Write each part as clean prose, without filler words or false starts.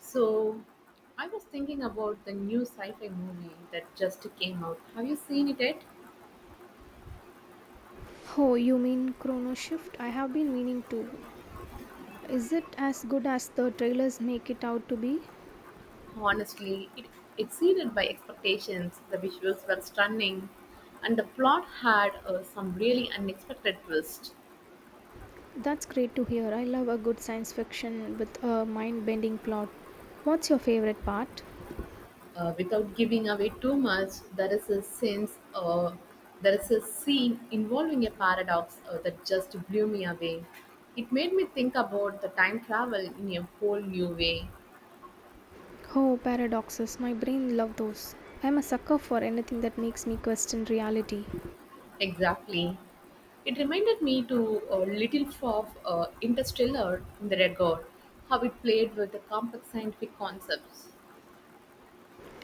So, I was thinking about the new sci-fi movie that just came out. Have you seen it yet? Oh, you mean Chrono Shift? I have been meaning to. Is it as good as the trailers make it out to be? Honestly, it exceeded my expectations. The visuals were stunning, and the plot had some really unexpected twists. That's great to hear. I love a good science fiction with a mind bending plot. What's your favorite part? Without giving away too much, there is a scene involving a paradox that just blew me away. It made me think about the time travel in a whole new way. Oh, paradoxes. My brain loves those. I'm a sucker for anything that makes me question reality. Exactly. It reminded me to a little of Interstellar in the regard, how it played with the complex scientific concepts.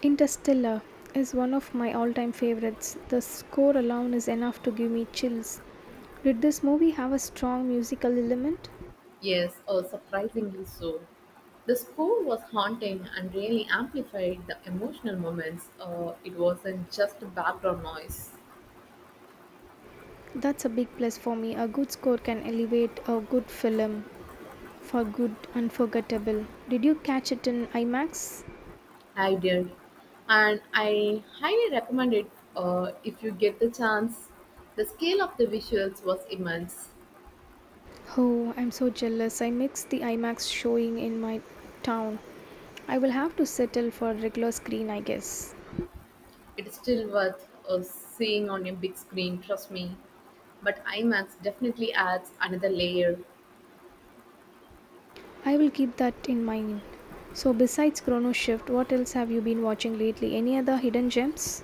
Interstellar is one of my all time favorites. The score alone is enough to give me chills. Did this movie have a strong musical element? Yes, surprisingly so. The score was haunting and really amplified the emotional moments. It wasn't just background noise. That's a big plus for me. A good score can elevate a good film for good unforgettable. Did you catch it in IMAX? I did. And I highly recommend it if you get the chance. The scale of the visuals was immense. Oh, I'm so jealous. I missed the IMAX showing in my town. I will have to settle for regular screen, I guess. It's still worth seeing on a big screen, trust me. But IMAX definitely adds another layer. I will keep that in mind. So, besides Chrono Shift, what else have you been watching lately? Any other hidden gems?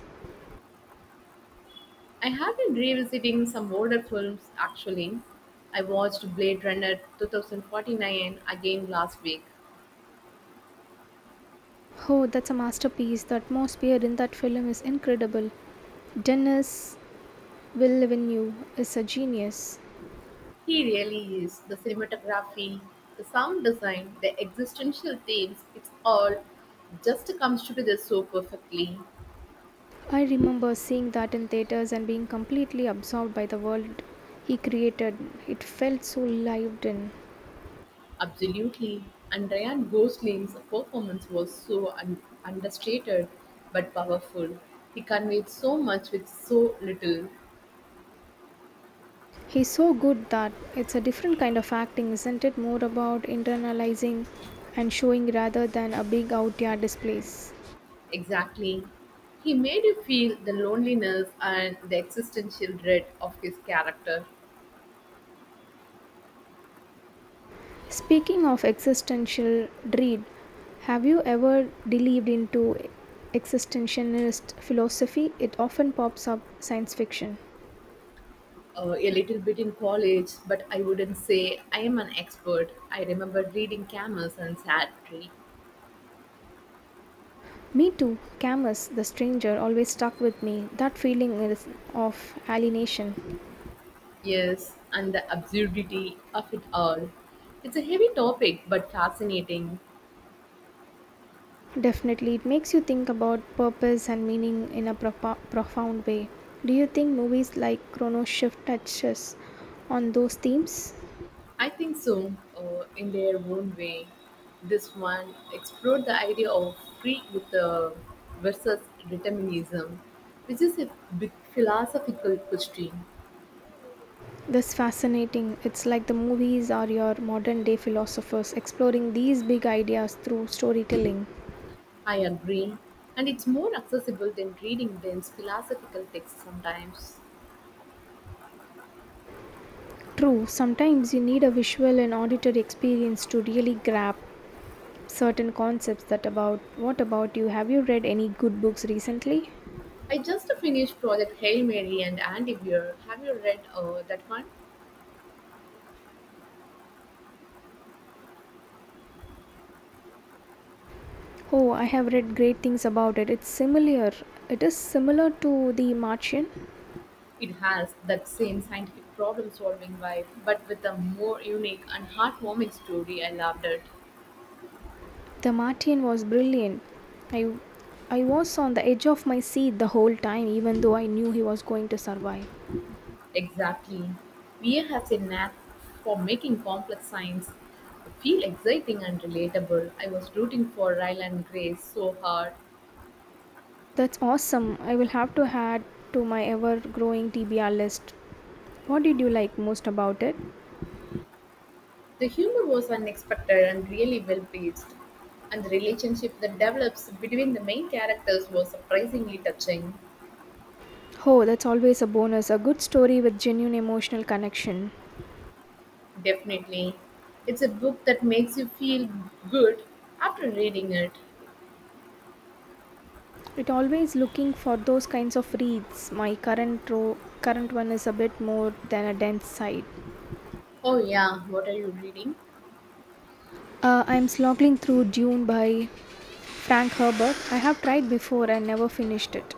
I have been revisiting some older films actually. I watched Blade Runner 2049 again last week. Oh, that's a masterpiece. The atmosphere in that film is incredible. Denis Villeneuve is a genius. He really is. The cinematography, the sound design, the existential themes, it's all just comes together so perfectly. I remember seeing that in theaters and being completely absorbed by the world he created. It felt so lived in. Absolutely. And Ryan Gosling's performance was so understated but powerful. He conveyed so much with so little. He's so good that it's a different kind of acting, isn't it? More about internalizing and showing rather than a big out there displays. Exactly. He made you feel the loneliness and the existential dread of his character. Speaking of existential dread, have you ever delved into existentialist philosophy? It often pops up science fiction. A little bit in college, but I wouldn't say I am an expert. I remember reading Camus and Sartre. Me too. Camus, the stranger, always stuck with me. That feeling is of alienation. Yes, and the absurdity of it all. It's a heavy topic, but fascinating. Definitely, it makes you think about purpose and meaning in a profound way. Do you think movies like Chrono Shift touches on those themes? I think so, in their own way. This one explored the idea of free with versus determinism, which is a big philosophical question. That's fascinating. It's like the movies are your modern day philosophers exploring these big ideas through storytelling. I agree, and it's more accessible than reading dense philosophical texts sometimes. True, sometimes you need a visual and auditory experience to really grab certain concepts that about what about you, have you read any good books recently? I just finished Project Hail Mary and Andy Weir. Have you read that one? Oh, I have read great things about it. It is similar to The Martian. It has that same scientific problem solving vibe, but with a more unique and heartwarming story. I loved it. The Martian was brilliant. I i was on the edge of my seat the whole time, even though I knew he was going to survive. Exactly. VA has a knack for making complex science feel exciting and relatable. I was rooting for Ryle and Grace so hard. That's awesome, I will have to add to my ever growing TBR list. What did you like most about it? The humor was unexpected and really well paced, and the relationship that develops between the main characters was surprisingly touching. Oh, that's always a bonus. A good story with genuine emotional connection. Definitely. It's a book that makes you feel good after reading it. It always looking for those kinds of reads. My current one is a bit more than a dense side. Oh, yeah, what are you reading? I'm slogging through Dune by Frank Herbert. I have tried before and never finished it.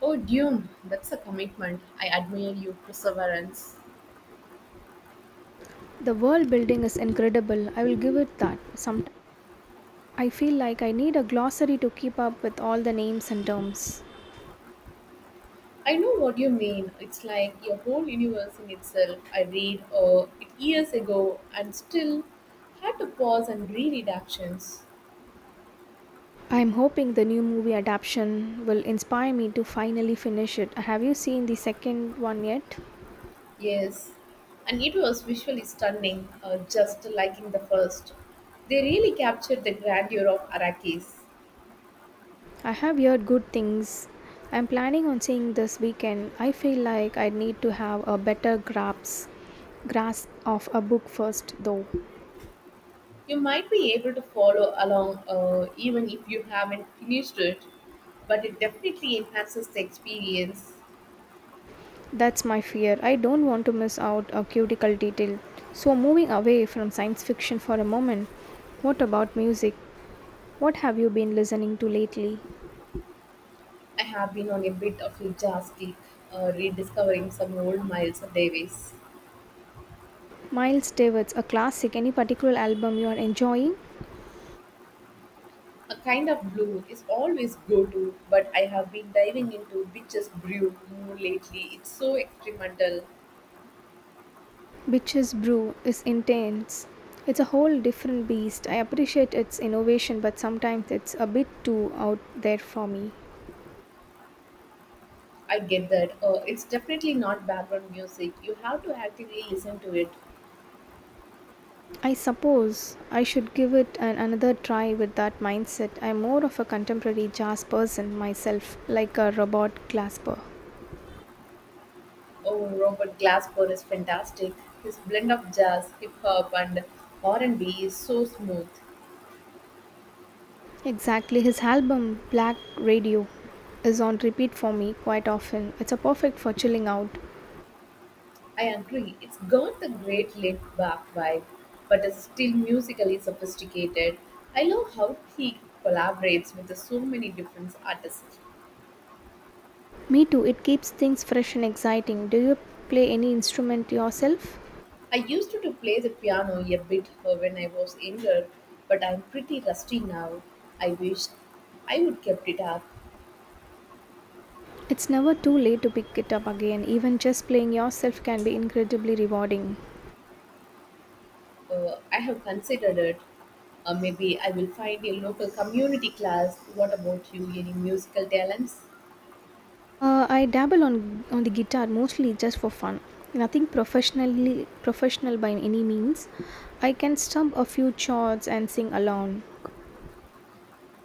Oh, Dune, that's a commitment. I admire your perseverance. The world building is incredible, I will give it that. Sometimes I feel like I need a glossary to keep up with all the names and terms. I know what you mean. It's like a whole universe in itself. I read it years ago and still had to pause and reread actions. I'm hoping the new movie adaptation will inspire me to finally finish it. Have you seen the second one yet? Yes, and it was visually stunning, just like in the first. They really captured the grandeur of Arrakis. I have heard good things. I'm planning on seeing this weekend. I feel like I need to have a better grasp of a book first though. You might be able to follow along even if you haven't finished it, but it definitely enhances the experience. That's my fear. I don't want to miss out a cuticle detail. So moving away from science fiction for a moment, what about music? What have you been listening to lately? I have been on a bit of a jazz kick, rediscovering some old Miles Davis. Miles Davis, a classic. Any particular album you are enjoying? A kind of blue is always go-to, but I have been diving into Bitches Brew more lately. It's so experimental. Bitch's Brew is intense. It's a whole different beast. I appreciate its innovation, but sometimes it's a bit too out there for me. I get that. It's definitely not background music. You have to actively listen to it. I suppose I should give it another try with that mindset. I'm more of a contemporary jazz person myself, like a Robert Glasper. Oh, Robert Glasper is fantastic. His blend of jazz, hip hop, and R&B is so smooth. Exactly, his album Black Radio is on repeat for me quite often. It's a perfect for chilling out. I agree, it's got the great laid back vibe, but is still musically sophisticated. I love how he collaborates with so many different artists. Me too, it keeps things fresh and exciting. Do you play any instrument yourself? I used to play the piano a bit when I was younger, but I'm pretty rusty now. I wish I would kept it up. It's never too late to pick it up again. Even just playing yourself can be incredibly rewarding. I have considered it. Maybe I will find a local community class. What about you? Any musical talents? I dabble on the guitar mostly just for fun. Nothing professional by any means. I can strum a few chords and sing along.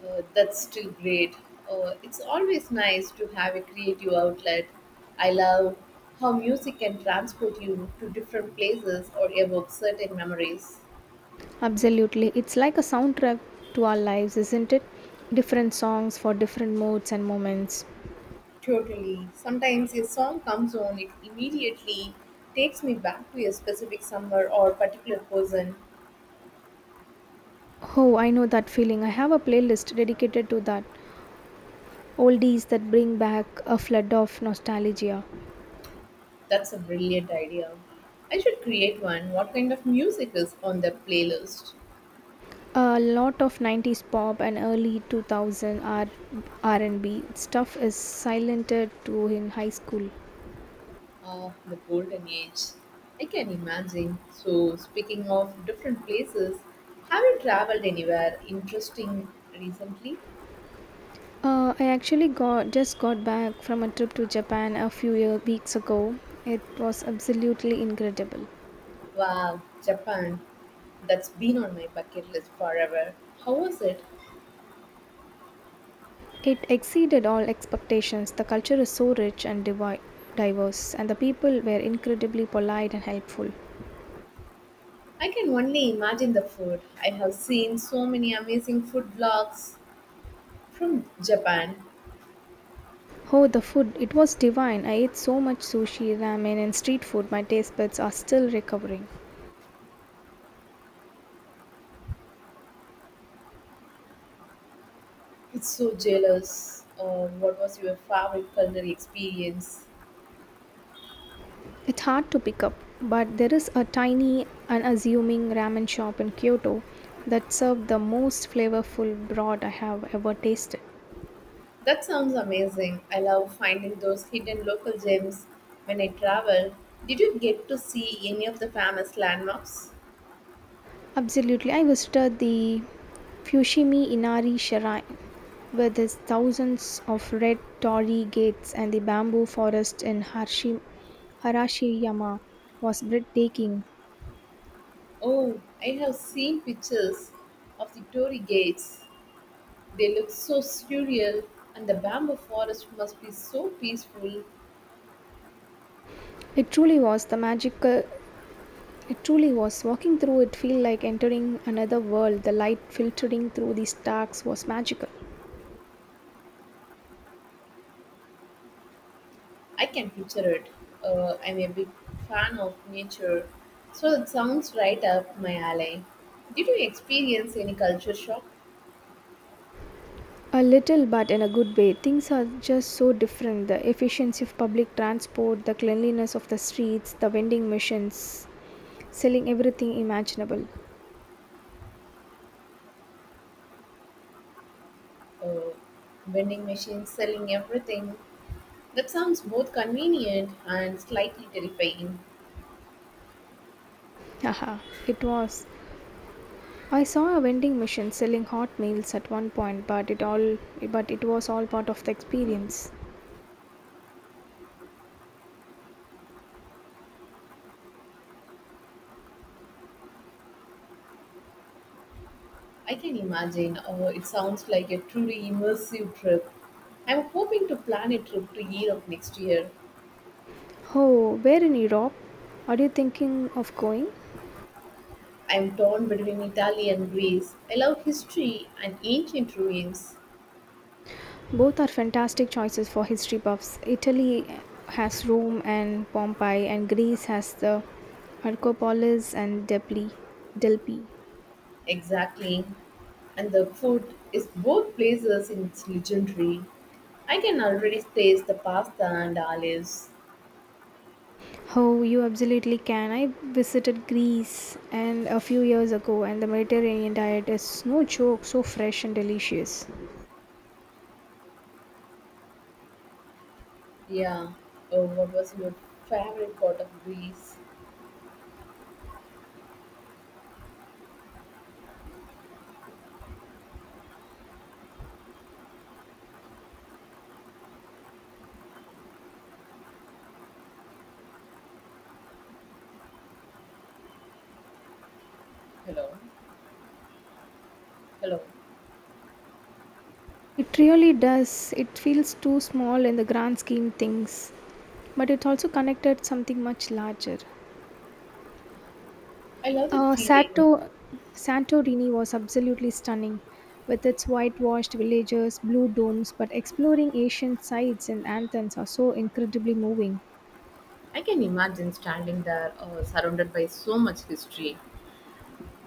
That's still great. It's always nice to have a creative outlet. I love how music can transport you to different places or evoke certain memories. Absolutely, it's like a soundtrack to our lives, isn't it? Different songs for different moods and moments. Totally. Sometimes a song comes on, it immediately takes me back to a specific summer or particular person. Oh, I know that feeling. I have a playlist dedicated to that. Oldies that bring back a flood of nostalgia. That's a brilliant idea. I should create one. What kind of music is on the playlist? A lot of 90s pop and early 2000 r&b stuff is silented to in high school. Oh, the golden age. I can imagine. So, speaking of different places, have you traveled anywhere interesting recently? I actually got just got back from a trip to Japan a few weeks ago. It was absolutely incredible. Wow, Japan. That's been on my bucket list forever. How was it? It exceeded all expectations. The culture is so rich and diverse, and the people were incredibly polite and helpful. I can only imagine the food. I have seen so many amazing food vlogs from Japan. Oh, the food, it was divine. I ate so much sushi, ramen, and street food, my taste buds are still recovering. It's so jealous. What was your favorite culinary experience? It's hard to pick up, but there is a tiny, unassuming ramen shop in Kyoto that served the most flavorful broth I have ever tasted. That sounds amazing. I love finding those hidden local gems when I travel. Did you get to see any of the famous landmarks? Absolutely, I visited the Fushimi Inari Shrine with its thousands of red torii gates, and the bamboo forest in Harashiyama was breathtaking. Oh, I have seen pictures of the Tory gates. They look so surreal, and the bamboo forest must be so peaceful. It truly was the magical It truly was. Walking through it felt like entering another world. The light filtering through the stacks was magical. I can picture it. I'm a big fan of nature, so it sounds right up my alley. Did you experience any culture shock? A little, but in a good way. Things are just so different. The efficiency of public transport, the cleanliness of the streets, the vending machines selling everything imaginable. Uh, Vending machines selling everything. That sounds both convenient and slightly terrifying. Haha, it was. I saw a vending machine selling hot meals at one point, but it was all part of the experience. I can imagine. Oh, it sounds like a truly immersive trip. I'm hoping to plan a trip to Europe next year. Oh, where in Europe? Are you thinking of going? I'm torn between Italy and Greece. I love history and ancient ruins. Both are fantastic choices for history buffs. Italy has Rome and Pompeii, and Greece has the Acropolis and Delphi. Delphi. Exactly. And the food is both places in its legendary. I can already taste the pasta and olives. Oh, you absolutely can. I visited Greece and a few years ago, and the Mediterranean diet is no joke, so fresh and delicious. Yeah. Oh, what was your favorite part of Greece? Hello. Hello. It really does. It feels too small in the grand scheme things, but it's also connected something much larger. I love that Uh, feeling. Sato, Santorini was absolutely stunning, with its whitewashed villages, blue domes, but exploring ancient sites and anthems are so incredibly moving. I can imagine standing there surrounded by so much history.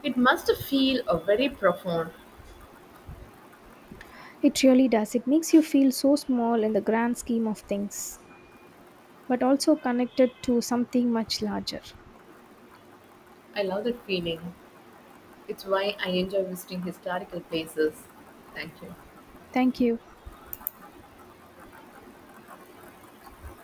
It must feel very profound. It really does. It makes you feel so small in the grand scheme of things, but also connected to something much larger. I love that feeling. It's why I enjoy visiting historical places. Thank you. Thank you.